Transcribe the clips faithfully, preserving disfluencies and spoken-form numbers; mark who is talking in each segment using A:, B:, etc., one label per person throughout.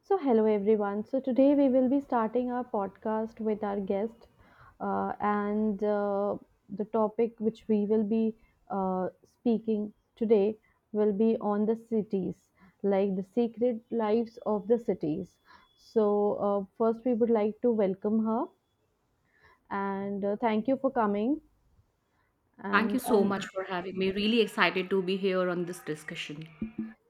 A: So, hello everyone. So, today we will be starting our podcast with our guest, uh, and uh, the topic which we will be uh, speaking today will be on the cities, like the secret lives of the cities. So, uh, First, we would like to welcome her and uh, thank you for coming.
B: Thank you
A: And
B: so much
A: um,
B: for having me. Really excited to be here on this discussion.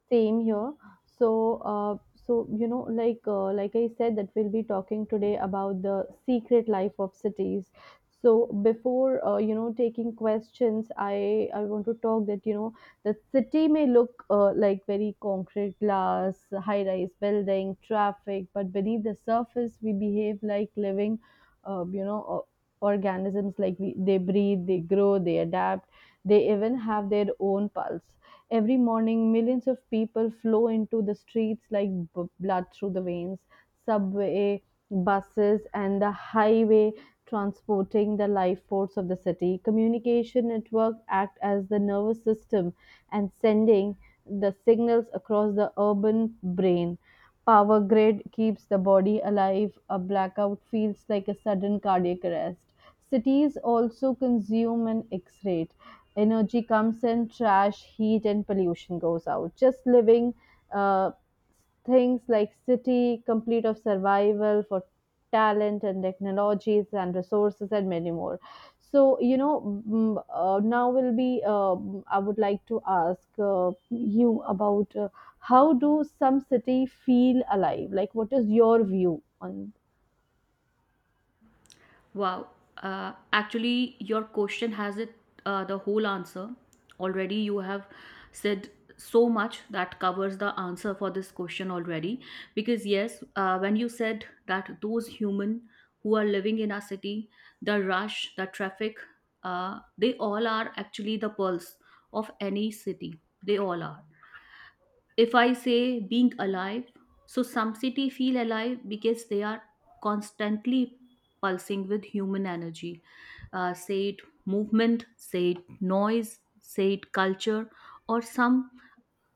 A: Same here. So, uh, so you know, like uh, like I said, that we'll be talking today about the secret life of cities. So before uh, you know taking questions, I I want to talk that you know the city may look uh, like very concrete glass, high-rise building, traffic, but beneath the surface, we behave like living, uh, you know, o- organisms. Like we, they breathe, they grow, they adapt, they even have their own pulse. Every morning, millions of people flow into the streets like b- blood through the veins. Subway, buses, and the highway transporting the life force of the city. Communication network act as the nervous system and sending the signals across the urban brain. Power grid keeps the body alive. A blackout feels like a sudden cardiac arrest. Cities also consume an X-ray energy comes in trash heat and pollution goes out just living uh, things like city complete of survival for talent and technologies and resources and many more. So you know mm, uh, now will be, um, I would like to ask uh, you about uh, how do some city feel alive, like what is your view on?
B: Wow. Uh, actually, your question has it uh, the whole answer. Already, you have said so much that covers the answer for this question already. Because, yes, uh, when you said that those human who are living in our city, the rush, the traffic, uh, they all are actually the pulse of any city. They all are. If I say being alive, so some city feel alive because they are constantly pulsing with human energy. Uh, say it movement, say it noise, say it culture. Or some,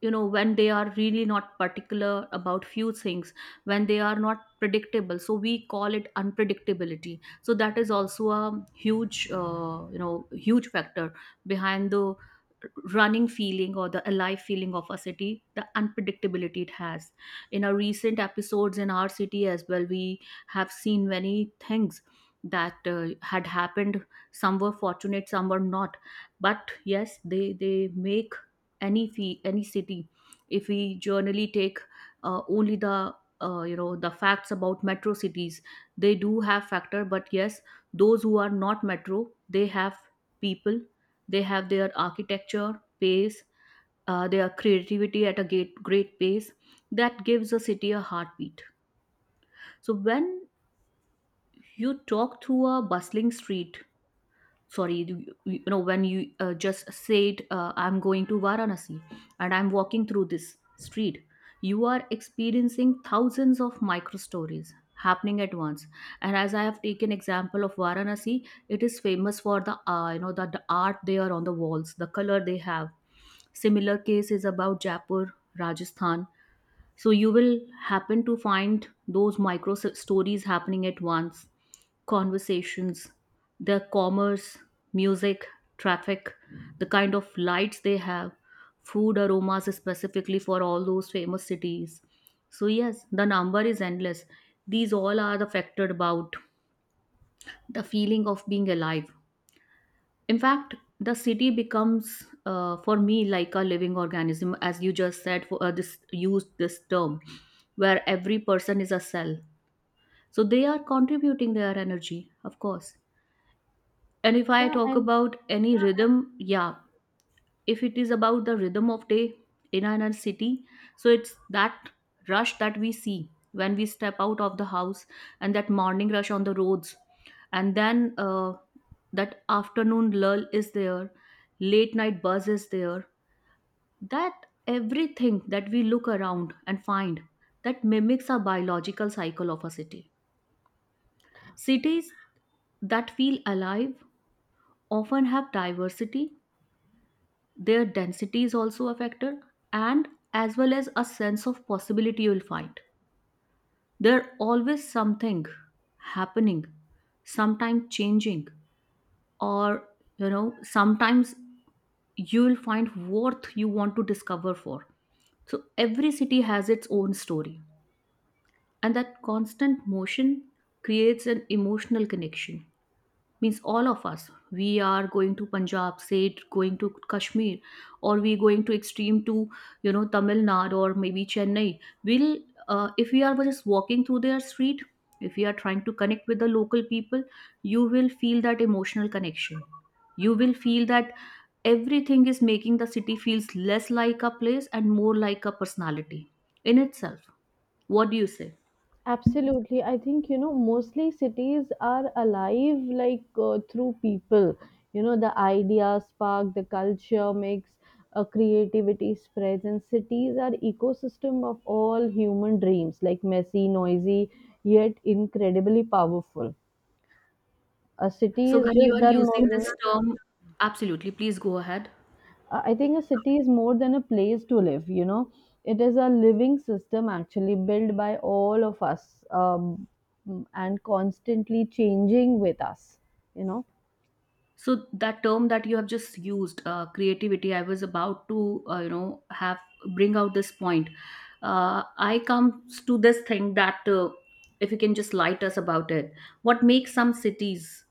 B: you know, when they are really not particular about few things, when they are not predictable, so we call it unpredictability. So that is also a huge, uh, you know huge factor behind the running feeling or the alive feeling of a city, the unpredictability it has. In our recent episodes in our city as well, we have seen many things that uh, had happened. Some were fortunate, some were not, but yes, they they make any fee any city, if we generally take uh, only the uh, you know the facts about metro cities. They do have factor, but yes, those who are not metro, they have people, they have their architecture pace, uh, their creativity at a great, great pace that gives a city a heartbeat. So when you talk through a bustling street, sorry, you, you know when you uh, just said, uh, I'm going to Varanasi and I'm walking through this street, you are experiencing thousands of micro stories happening at once. And as I have taken example of Varanasi, it is famous for the uh, you know the, the art they are on the walls, the color they have. Similar case is about Jaipur, Rajasthan. So you will happen to find those micro s- stories happening at once: conversations, their commerce, music, traffic, the kind of lights they have, food aromas specifically for all those famous cities. So, yes, the number is endless. These all are the factor about the feeling of being alive. In fact, the city becomes, uh, for me, like a living organism, as you just said. For uh, this, used this term, where every person is a cell. So they are contributing their energy, of course. And if I
A: Yeah
B: talk
A: and
B: about any rhythm, yeah, if it is about the rhythm of day in our city, so it's that rush that we see when we step out of the house and that morning rush on the roads. And then, uh, that afternoon lull is there, late night buzz is there, that everything that we look around and find that mimics our biological cycle of a city. Cities that feel alive often have diversity. Their density is also a factor, and as well as a sense of possibility you'll find. There always something happening, sometimes changing, or, you know, sometimes you will find worth you want to discover for. So every city has its own story, and that constant motion creates an emotional connection. Means all of us, we are going to Punjab, say, going to Kashmir, or we going to extreme to you know Tamil Nadu, or maybe Chennai. Will, uh, if we are just walking through their street, if we are trying to connect with the local people, you will feel that emotional connection. You will feel that everything is making the city feels less like a place and more like a personality in itself. What do you say?
A: Absolutely. I think, you know, mostly cities are alive like uh, through people. You know, the ideas spark, the culture mix, uh, creativity spreads, and cities are ecosystem of all human dreams, like messy, noisy, yet incredibly powerful. A city
B: So
A: is
B: when you
A: just
B: are
A: done more
B: using this
A: than
B: term, absolutely, please go ahead.
A: uh, I think a city is more than a place to live, you know. It is a living system actually built by all of us um, and constantly changing with us, you know.
B: So that term that you have just used, uh, creativity, I was about to, uh, you know, have bring out this point. Uh, I comes to this thing that, uh, if you can just light us about it, what makes some cities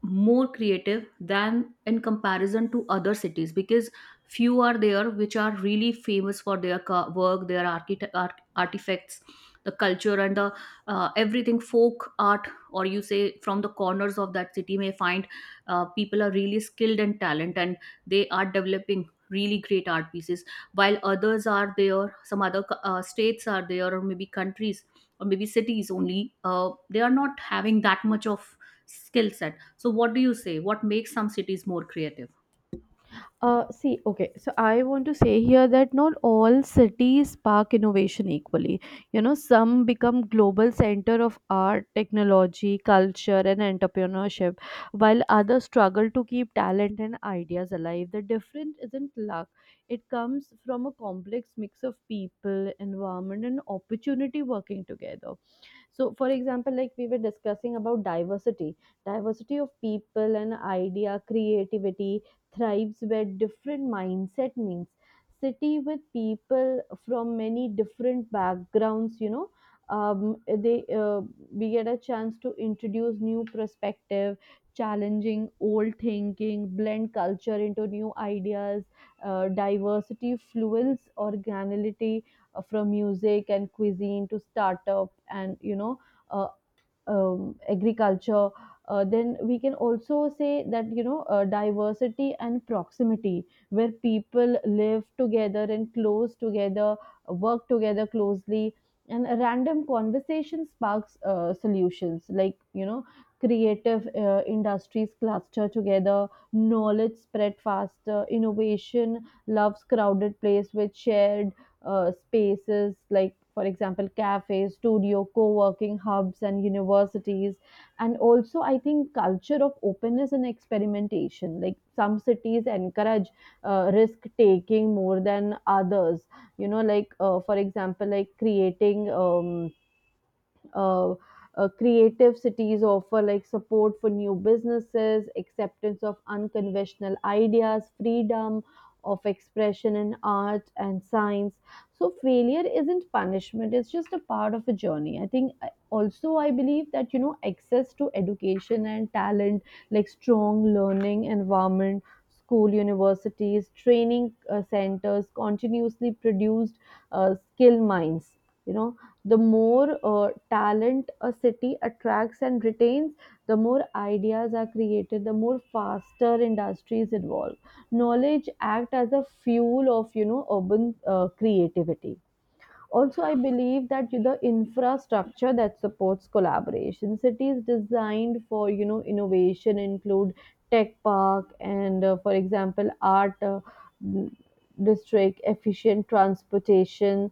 B: more creative than in comparison to other cities? Because few are there which are really famous for their ca- work, their archite- art- artifacts, the culture, and the, uh, everything folk art, or you say from the corners of that city may find uh, people are really skilled and talent, and they are developing really great art pieces. While others are there, some other uh, states are there, or maybe countries, or maybe cities only, uh, they are not having that much of skill set. So, what do you say? What makes some cities more creative?
A: Uh, see, okay, so I want to say here that not all cities spark innovation equally. You know, some become global center of art, technology, culture, and entrepreneurship, while others struggle to keep talent and ideas alive. The difference isn't luck; it comes from a complex mix of people, environment, and opportunity working together. So, for example, like we were discussing about diversity, diversity of people and idea, creativity thrives where different mindset means city with people from many different backgrounds, you know um, they uh, we get a chance to introduce new perspective, challenging old thinking, blend culture into new ideas. Uh, diversity fuels organality, uh, from music and cuisine to startup and, you know uh, um, agriculture. Uh, then we can also say that, you know uh, diversity and proximity, where people live together and close together, work together closely, and a random conversation sparks uh, solutions. Like you know, creative uh, industries cluster together, knowledge spread faster, innovation loves crowded place with shared uh, spaces, like for example cafes, studio, co-working hubs, and universities. And also I think culture of openness and experimentation, like some cities encourage uh, risk taking more than others. You know like uh, for example, like creating um, uh, uh, creative cities offer like support for new businesses, acceptance of unconventional ideas, freedom of expression in art and science. So failure isn't punishment, it's just a part of a journey. I think I- also I believe that you know access to education and talent, like strong learning environment, school, universities, training uh, centers, continuously produced uh, skill minds. You know, the more uh, talent a city attracts and retains, the more ideas are created, the more faster industries evolve. Knowledge act as a fuel of you know urban uh, creativity. Also, I believe that the infrastructure that supports collaboration, cities designed for you know innovation, include tech park and, uh, for example, art. Uh, district efficient transportation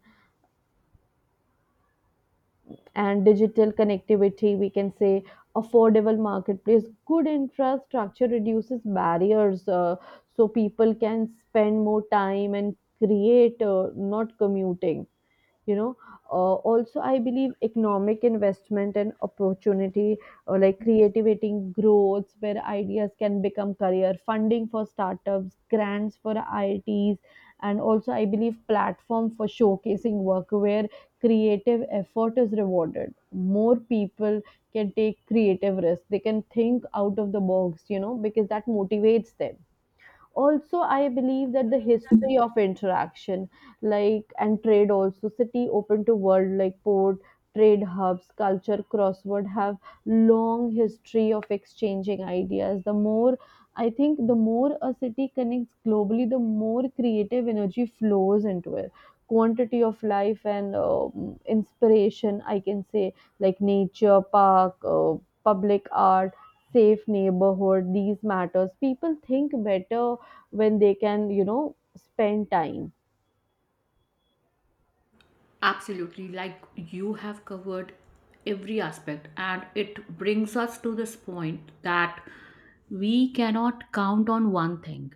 A: and digital connectivity, we can say, affordable marketplace, good infrastructure reduces barriers, uh, so people can spend more time and create, uh, not commuting, you know. Uh, also I believe economic investment and opportunity or like creativity growth where ideas can become career, funding for startups, grants for its, and also I believe platform for showcasing work where creative effort is rewarded, more people can take creative risks, they can think out of the box, you know, because that motivates them. Also I believe that the history of interaction, like and trade, also city open to world like port, trade hubs, culture crossword have long history of exchanging ideas. The more i think the more a city connects globally, the more creative energy flows into it. Quantity of life and um inspiration I can say, like nature park, uh, public art, safe neighborhood, these matters, people think better when they can you know spend time.
B: Absolutely. Like you have covered every aspect, and it brings us to this point that we cannot count on one thing.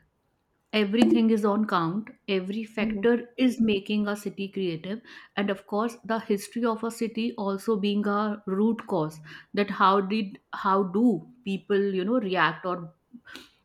B: Everything is on count, every
A: Mhm.
B: factor is making a city creative, and of course, the history of a city also being a root cause, that how did how do people you know react, or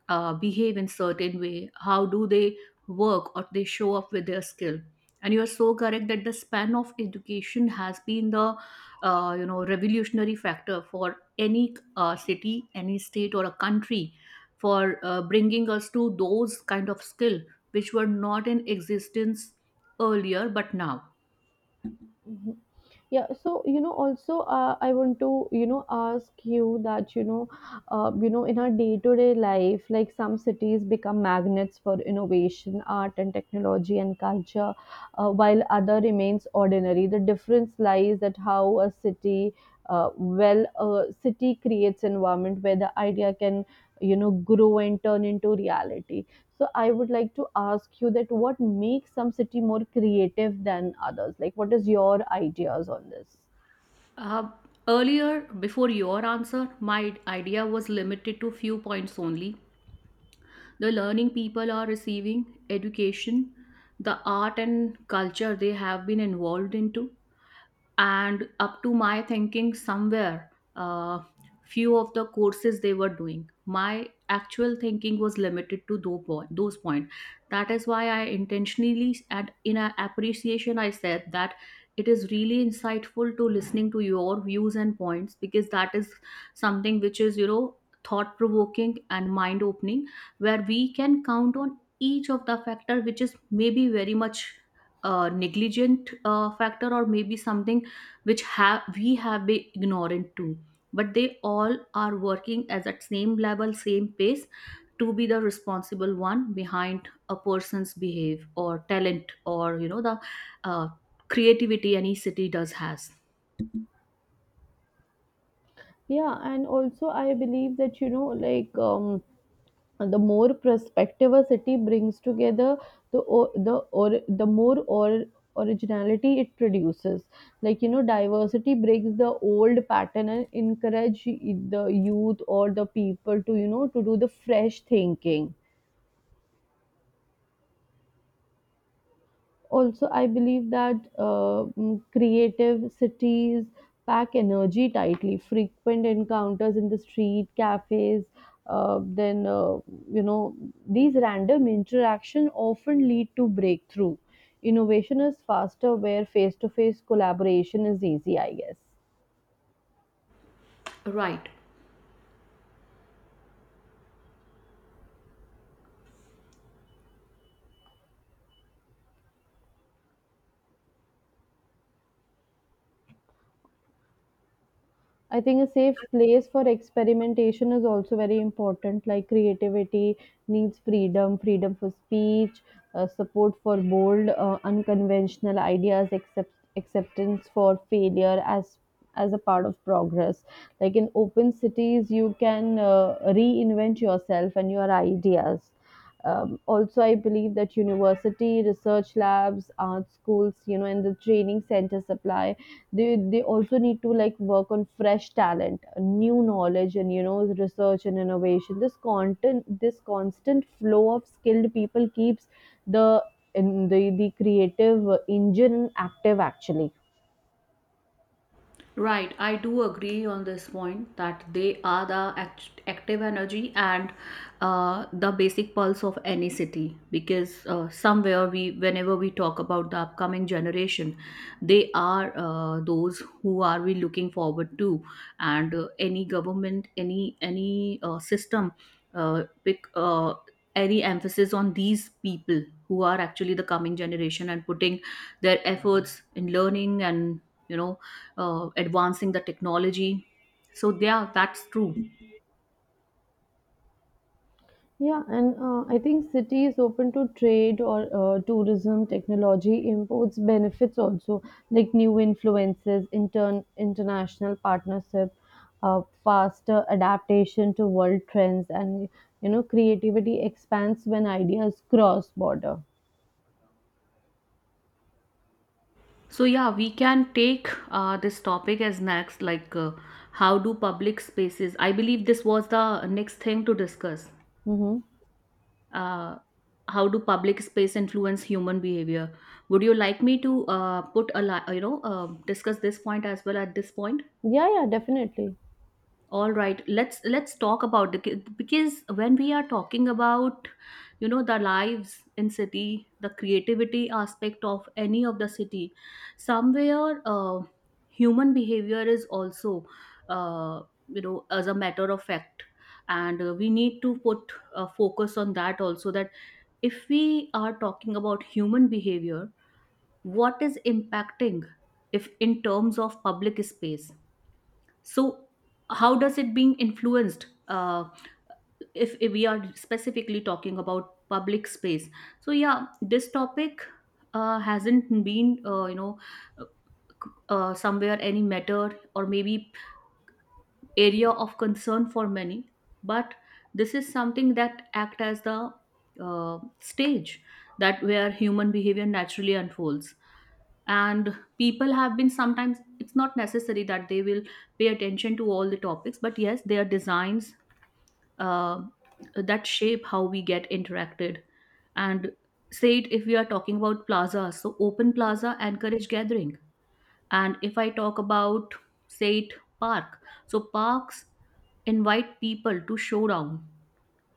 B: uh, behave in certain way, how do they work, or they show up with their skill. And you are so correct that the span of education has been the, uh, you know revolutionary factor for any uh, city, any state, or a country, for uh, bringing us to those kind of skill which were not in existence earlier, but now.
A: Mhm. Yeah, so you know also uh, I want to you know ask you that, you know uh, you know in our day to day life, like some cities become magnets for innovation, art and technology and culture, uh, while other remains ordinary. The difference lies that how a city, uh, well a city creates environment where the idea can you know grow and turn into reality. So I would like to ask you that what makes some city more creative than others? Like what is your ideas on this?
B: uh, Earlier, before your answer, my idea was limited to few points only: the learning people are receiving, education, the art and culture they have been involved into. And up to my thinking somewhere, uh, few of the courses they were doing, my actual thinking was limited to those point, those point. That is why I intentionally and in a appreciation I said that it is really insightful to listening to your views and points, because that is something which is, you know thought provoking and mind opening, where we can count on each of the factor which is maybe very much, uh, negligent uh, factor, or maybe something which have we have been ignorant to, but they all are working as at same level, same pace, to be the responsible one behind a person's behave or talent, or you know the uh, creativity any city does has.
A: Yeah, and also I believe that, you know, like um, the more perspective a city brings together, the o- the or the more or originality it produces. Like you know, diversity breaks the old pattern and encourage the youth or the people to you know to do the fresh thinking. Also I believe that uh, mm, creative cities pack energy tightly, frequent encounters in the street cafes. Uh, then uh, you know These random interaction often lead to breakthrough. Innovation is faster where face to face collaboration is easy, I guess.
B: Right.
A: I think a safe place for experimentation is also very important. Like creativity needs freedom, freedom for speech, uh, support for bold, uh, unconventional ideas, accept, acceptance for failure as as a part of progress. Like in open cities, you can uh, reinvent yourself and your ideas. Um, also, I believe that university research labs, art schools, you know, and the training centers supply, they they also need to like work on fresh talent, new knowledge, and you know research and innovation. This content this constant flow of skilled people keeps the in the, the creative engine active actually.
B: Right, I do agree on this point that they are the act- active energy, and uh, the basic pulse of any city. Because uh, somewhere we, whenever we talk about the upcoming generation, they are, uh, those who are we looking forward to, and uh, any government, any any uh, system, uh, pick uh, any emphasis on these people who are actually the coming generation and putting their efforts in learning, and you know uh, advancing the technology. So yeah, that's true.
A: Yeah, and uh, I think cities open to trade or uh, tourism, technology, imports, benefits also, like new influences, intern international partnership, uh, faster adaptation to world trends, and you know, creativity expands when ideas cross border.
B: So yeah, we can take uh, this topic as next, like, uh, how do public spaces? I believe this was the next thing to discuss.
A: Mm-hmm.
B: uh, how do public space influence human behavior? Would you like me to uh, put a li- you know uh, discuss this point as well at this point?
A: Yeah, yeah, definitely.
B: All right, let's let's talk about the ki- because when we are talking about, you know the lives in city, the creativity aspect of any of the city, somewhere, uh, human behavior is also, uh, you know as a matter of fact. And uh, we need to put a focus on that also, that if we are talking about human behavior, what is impacting? If in terms of public space, so how does it being influenced? uh, if, if we are specifically talking about public space. So yeah, this topic uh, hasn't been, uh, you know uh, uh, somewhere, any matter or maybe area of concern for many. But this is something that act as the, uh, stage, that where human behavior naturally unfolds. And people have been, sometimes it's not necessary that they will pay attention to all the topics, but yes, their designs, uh, that shape how we get interacted. And say it, if we are talking about plaza, so open plaza encourage gathering. And if I talk about, say it, park, so parks invite people to show down,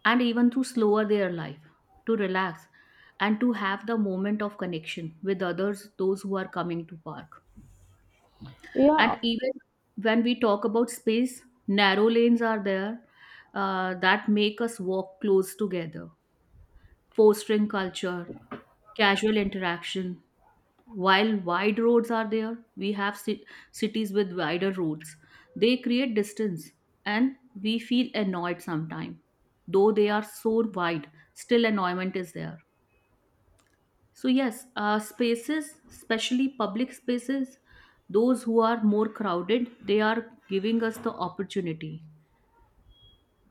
B: and even to slower their life, to relax, and to have the moment of connection with others, those who are coming to park.
A: Yeah,
B: And even when we talk about space, narrow lanes are there, uh, that make us walk close together, fostering culture, casual interaction. While wide roads are there, we have ci- cities with wider roads. They create distance and we feel annoyed sometimes. Though they are so wide, still annoyment is there. So, yes, uh, spaces, especially public spaces, those who are more crowded, they are giving us the opportunity.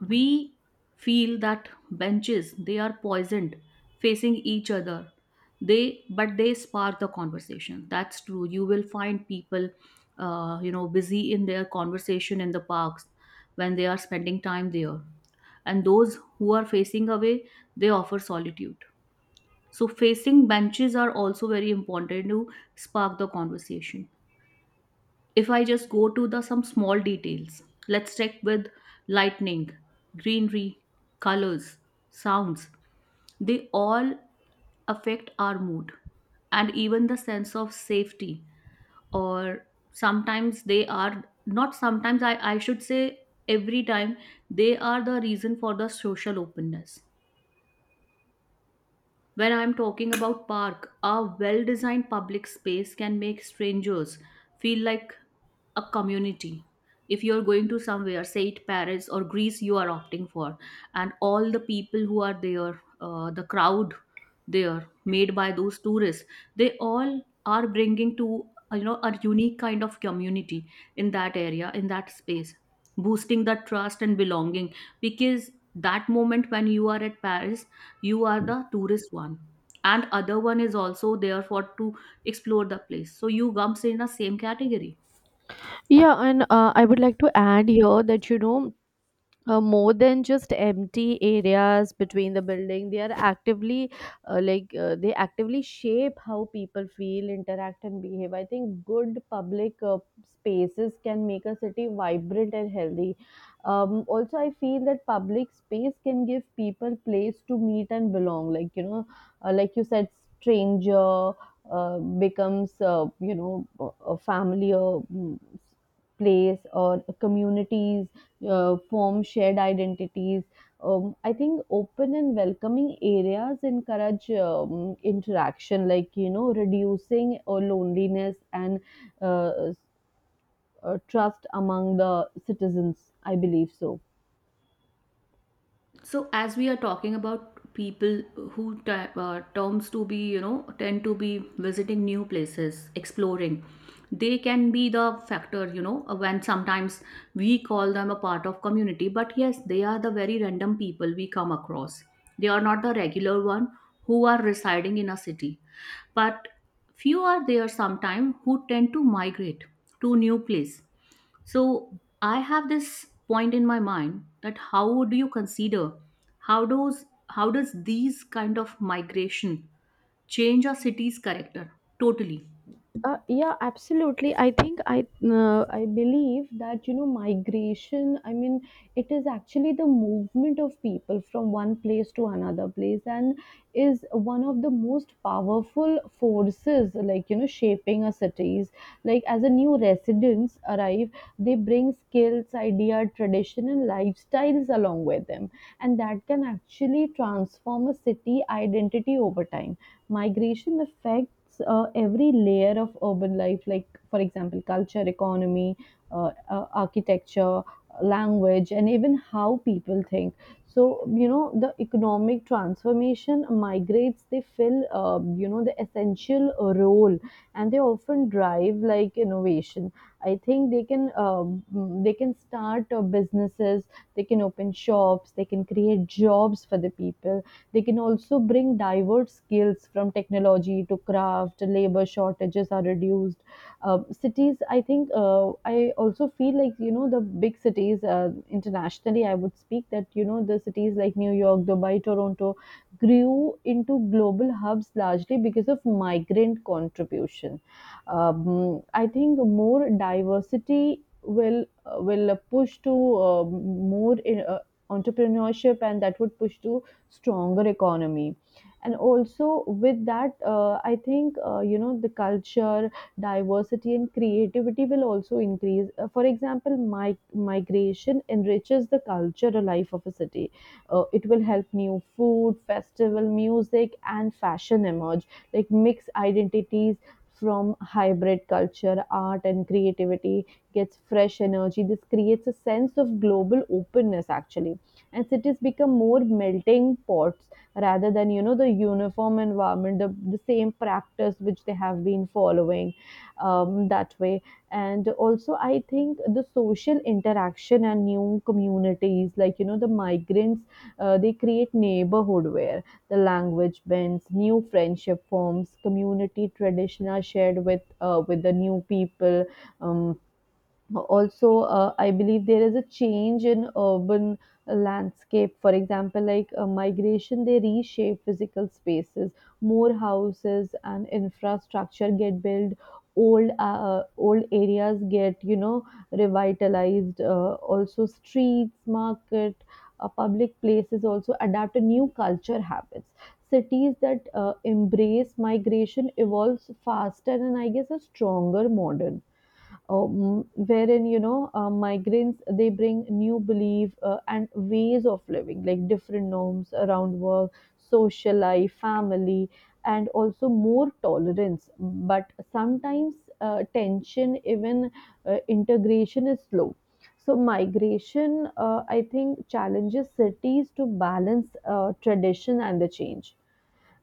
B: We feel that benches, they are poisoned, facing each other. They, but they spark the conversation. That's true. You will find people, uh, you know, busy in their conversation in the parks when they are spending time there. And those who are facing away, they offer solitude. So facing benches are also very important to spark the conversation. If I just go to the some small details, let's check with lightning, greenery, colors, sounds. They all affect our mood and even the sense of safety. Or sometimes they are not sometimes I, I should say every time they are the reason for the social openness. When I'm talking about park, a well designed public space can make strangers feel like a community. If you're going to somewhere, say it Paris or Greece, you are opting for, and all the people who are there, uh, the crowd there made by those tourists, they all are bringing to uh, you know a unique kind of community in that area, in that space, boosting that trust and belonging. Because that moment when you are at Paris, you are the tourist one, and other one is also there for to explore the place. So you comes in the same category.
A: yeah, and uh, I would like to add here that you know, uh, more than just empty areas between the building, they are actively, uh, like uh, they actively shape how people feel, interact and behave. I think good public uh, spaces can make a city vibrant and healthy. Um, also I feel that public space can give people place to meet and belong, like you know, uh, like you said stranger uh, becomes, uh, you know, a a family or mm, place or communities uh, form shared identities. Um, I think open and welcoming areas encourage um, interaction, like you know, reducing uh, loneliness and uh, s- uh, trust among the citizens. I believe so.
B: So, as we are talking about people who t- uh, terms to be, you know, tend to be visiting new places, exploring, they can be the factor, you know, uh, when sometimes we call them a part of community, but yes, they are the very random people we come across. They are not the regular one who are residing in a city, but few are there sometime who tend to migrate to new place. So I have this point in my mind that how do you consider how does how does these kind of migration change a city's character totally?
A: Uh, yeah, absolutely. I think I uh, I believe that you know migration, I mean, it is actually the movement of people from one place to another place, and is one of the most powerful forces. Like you know, shaping a cities. Like as a new residents arrive, they bring skills, idea, tradition, and lifestyles along with them, and that can actually transform a city identity over time. Migration affects uh, every layer of urban life, like for example culture, economy, uh, uh, architecture, language, and even how people think. So you know the economic transformation, migrates they fill uh, you know the essential role, and they often drive like innovation. I think they can, uh, mm, they can start uh, businesses, they can open shops, they can create jobs for the people, they can also bring diverse skills from technology to craft, labor shortages are reduced. Um, cities, I think, uh, I also feel like, you know, the big cities uh, internationally, I would speak that, you know, the cities like New York, Dubai, Toronto grew into global hubs largely because of migrant contribution. Um, I think more diversity will uh, will push to uh, more in, uh, entrepreneurship, and that would push to stronger economy. And also with that, uh, i think uh, you know, the culture diversity and creativity will also increase. Uh, for example, my migration enriches the cultural life of a city. Uh, it will help new food, festival, music, and fashion emerge, like mixed identities from hybrid culture. Art and creativity gets fresh energy. This creates a sense of global openness, actually, and cities become more melting pots rather than you know the uniform environment, the, the same practice which they have been following, um, that way. And also, I think the social interaction and new communities, like you know the migrants, uh, they create neighborhood where the language bends, new friendship forms, community tradition are shared with uh, with the new people. um, Also, uh, I believe there is a change in urban landscape. For example, like uh, migration, they reshape physical spaces. More houses and infrastructure get built. Old uh, uh, old areas get, you know, revitalized. Uh, also streets, market, uh, public places also adapt to new culture habits. Cities that uh, embrace migration evolves faster, and I guess are stronger, modern. Um, wherein, you know, uh, migrants, they bring new belief uh, and ways of living, like different norms around work, social life, family, and also more tolerance, but sometimes uh, tension, even uh, integration is slow. So migration, uh, I think, challenges cities to balance uh, tradition and the change.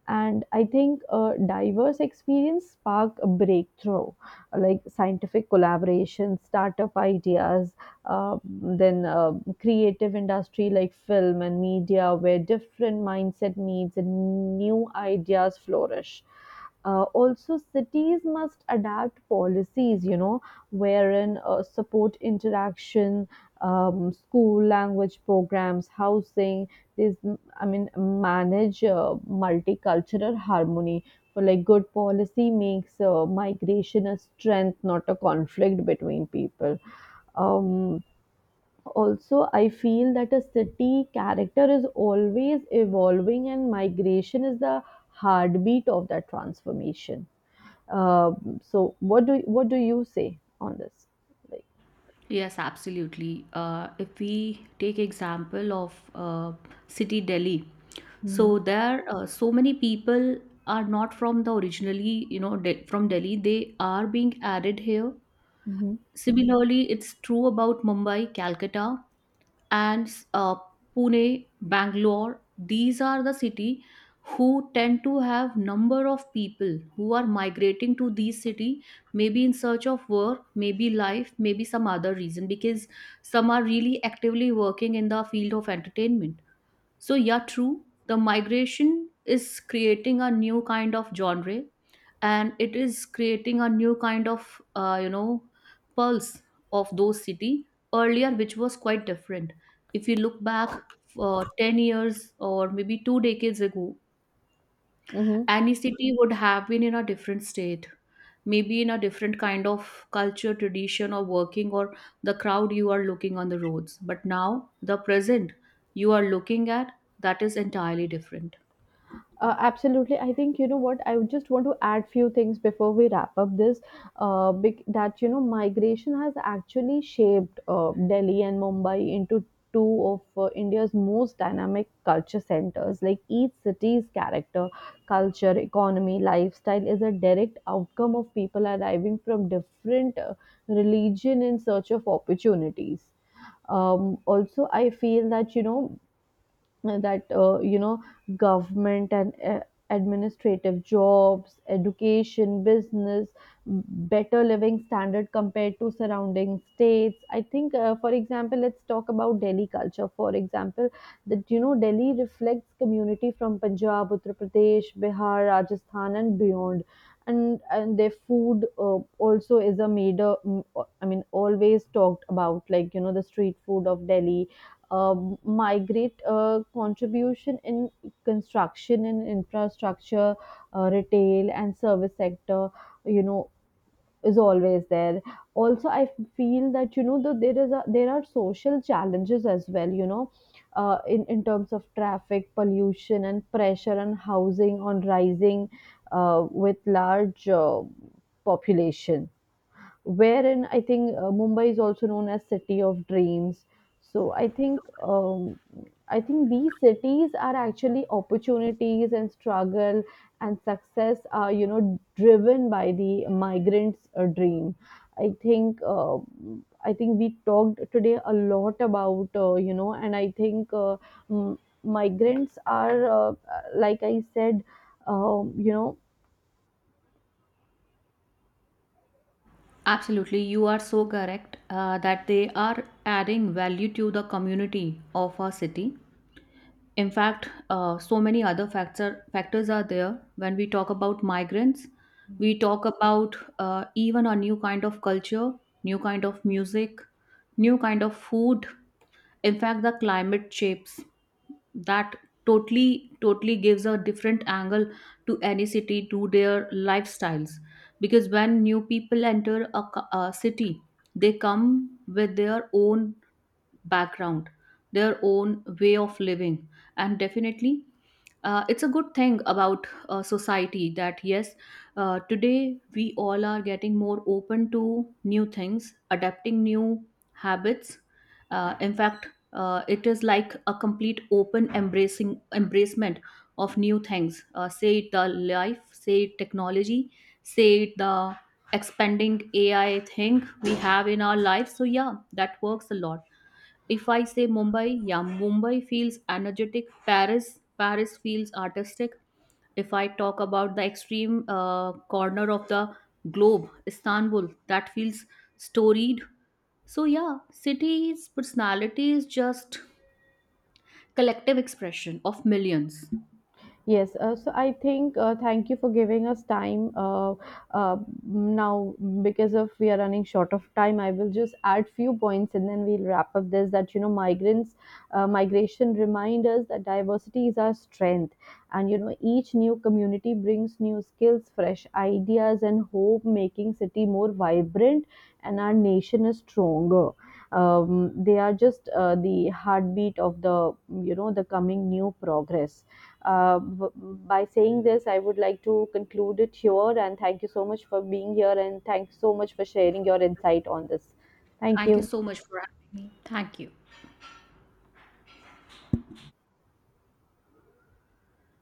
A: And I think a diverse experience spark a breakthrough, like scientific collaboration, startup ideas, uh, then uh, creative industry like film and media, where different mindset meets and new ideas flourish. Uh, also, cities must adapt policies, you know, wherein uh, support interaction, um, school, language programs, housing. This I mean, manage uh, multicultural harmony. For like, good policy makes uh, migration a strength, not a conflict between people. Um, Also, I feel that a city character is always evolving, and migration is the heartbeat of that transformation. Um so, what do what do you say on this? Like,
B: Yes, absolutely. Uh, if we take example of uh, city Delhi,
A: mm-hmm,
B: so there uh, so many people are not from the originally you know de- from Delhi. They are being added here. Similarly, it's true about Mumbai, Calcutta, and uh, Pune, Bangalore. These are the city who tend to have number of people who are migrating to these city, maybe in search of work, maybe life, maybe some other reason, because some are really actively working in the field of entertainment. So, yeah, true. The migration is creating a new kind of genre and it is creating a new kind of, uh, you know, pulse of those city earlier, which was quite different. If you look back for ten years or maybe two decades ago,
A: mm-hmm,
B: any city would have been in a different state, maybe in a different kind of culture tradition or working or the crowd you are looking on the roads. But now the present you are looking at, that is entirely different.
A: Uh, absolutely. I think, you know, what I would just want to add few things before we wrap up this. Uh, bec- that you know, migration has actually shaped uh, Delhi and Mumbai into two of uh, India's most dynamic culture centers. Like each city's character, culture, economy, lifestyle is a direct outcome of people arriving from different uh, religion in search of opportunities. Um, also, I feel that you know that uh, you know government and uh, administrative jobs, education, business, better living standard compared to surrounding states. I think uh, for example, let's talk about Delhi culture. For example, that you know Delhi reflects community from Punjab, Uttar Pradesh, Bihar, Rajasthan, and beyond. And and their food uh, also is a major mm, I mean, always talked about, like you know, the street food of Delhi. uh, Migrate uh, contribution in construction and infrastructure, uh, retail and service sector, you know, is always there. Also, I feel that you know the, there is a, there are social challenges as well. You know, uh, in in terms of traffic, pollution, and pressure on housing on rising uh, with large uh, population, wherein I think uh, Mumbai is also known as city of dreams. So I think, um, I think these cities are actually opportunities, and struggle and success are, you know, driven by the migrants' uh, dream. I think uh, I think we talked today a lot about uh, you know, and I think uh, m- migrants are uh, like I said, um, you know
B: Absolutely, you are so correct, uh, that they are adding value to the community of our city. In fact, uh, so many other facts factors are there. When we talk about migrants, we talk about uh, even a new kind of culture, new kind of music, new kind of food. In fact, the climate shapes that totally, totally gives a different angle to any city, to their lifestyles. Because when new people enter a, co- a city, they come with their own background, their own way of living. And definitely, uh, it's a good thing about uh, society that yes, uh, today we all are getting more open to new things, adapting new habits. Uh, in fact, uh, it is like a complete open embracing embracement of new things. Uh, say it the life, say it technology, say it the expanding A I thing we have in our life. So yeah, that works a lot. If I say Mumbai, yeah, Mumbai feels energetic. Paris, Paris feels artistic. If I talk about the extreme uh, corner of the globe, Istanbul, that feels storied. So yeah, cities' personality is just collective expression of millions.
A: Yes, uh, so I think uh, thank you for giving us time, uh, uh, now because of we are running short of time. I will just add few points and then we'll wrap up this. That you know, migrants, uh, migration remind us that diversity is our strength, and you know, each new community brings new skills, fresh ideas, and hope, making city more vibrant and our nation is stronger. Um, they are just uh, the heartbeat of the, you know, the coming new progress. Uh, b- by saying this, I would like to conclude it here, and thank you so much for being here, and thanks so much for sharing your insight on this. Thank
B: Thank you
A: you.
B: so much for having me. Thank you.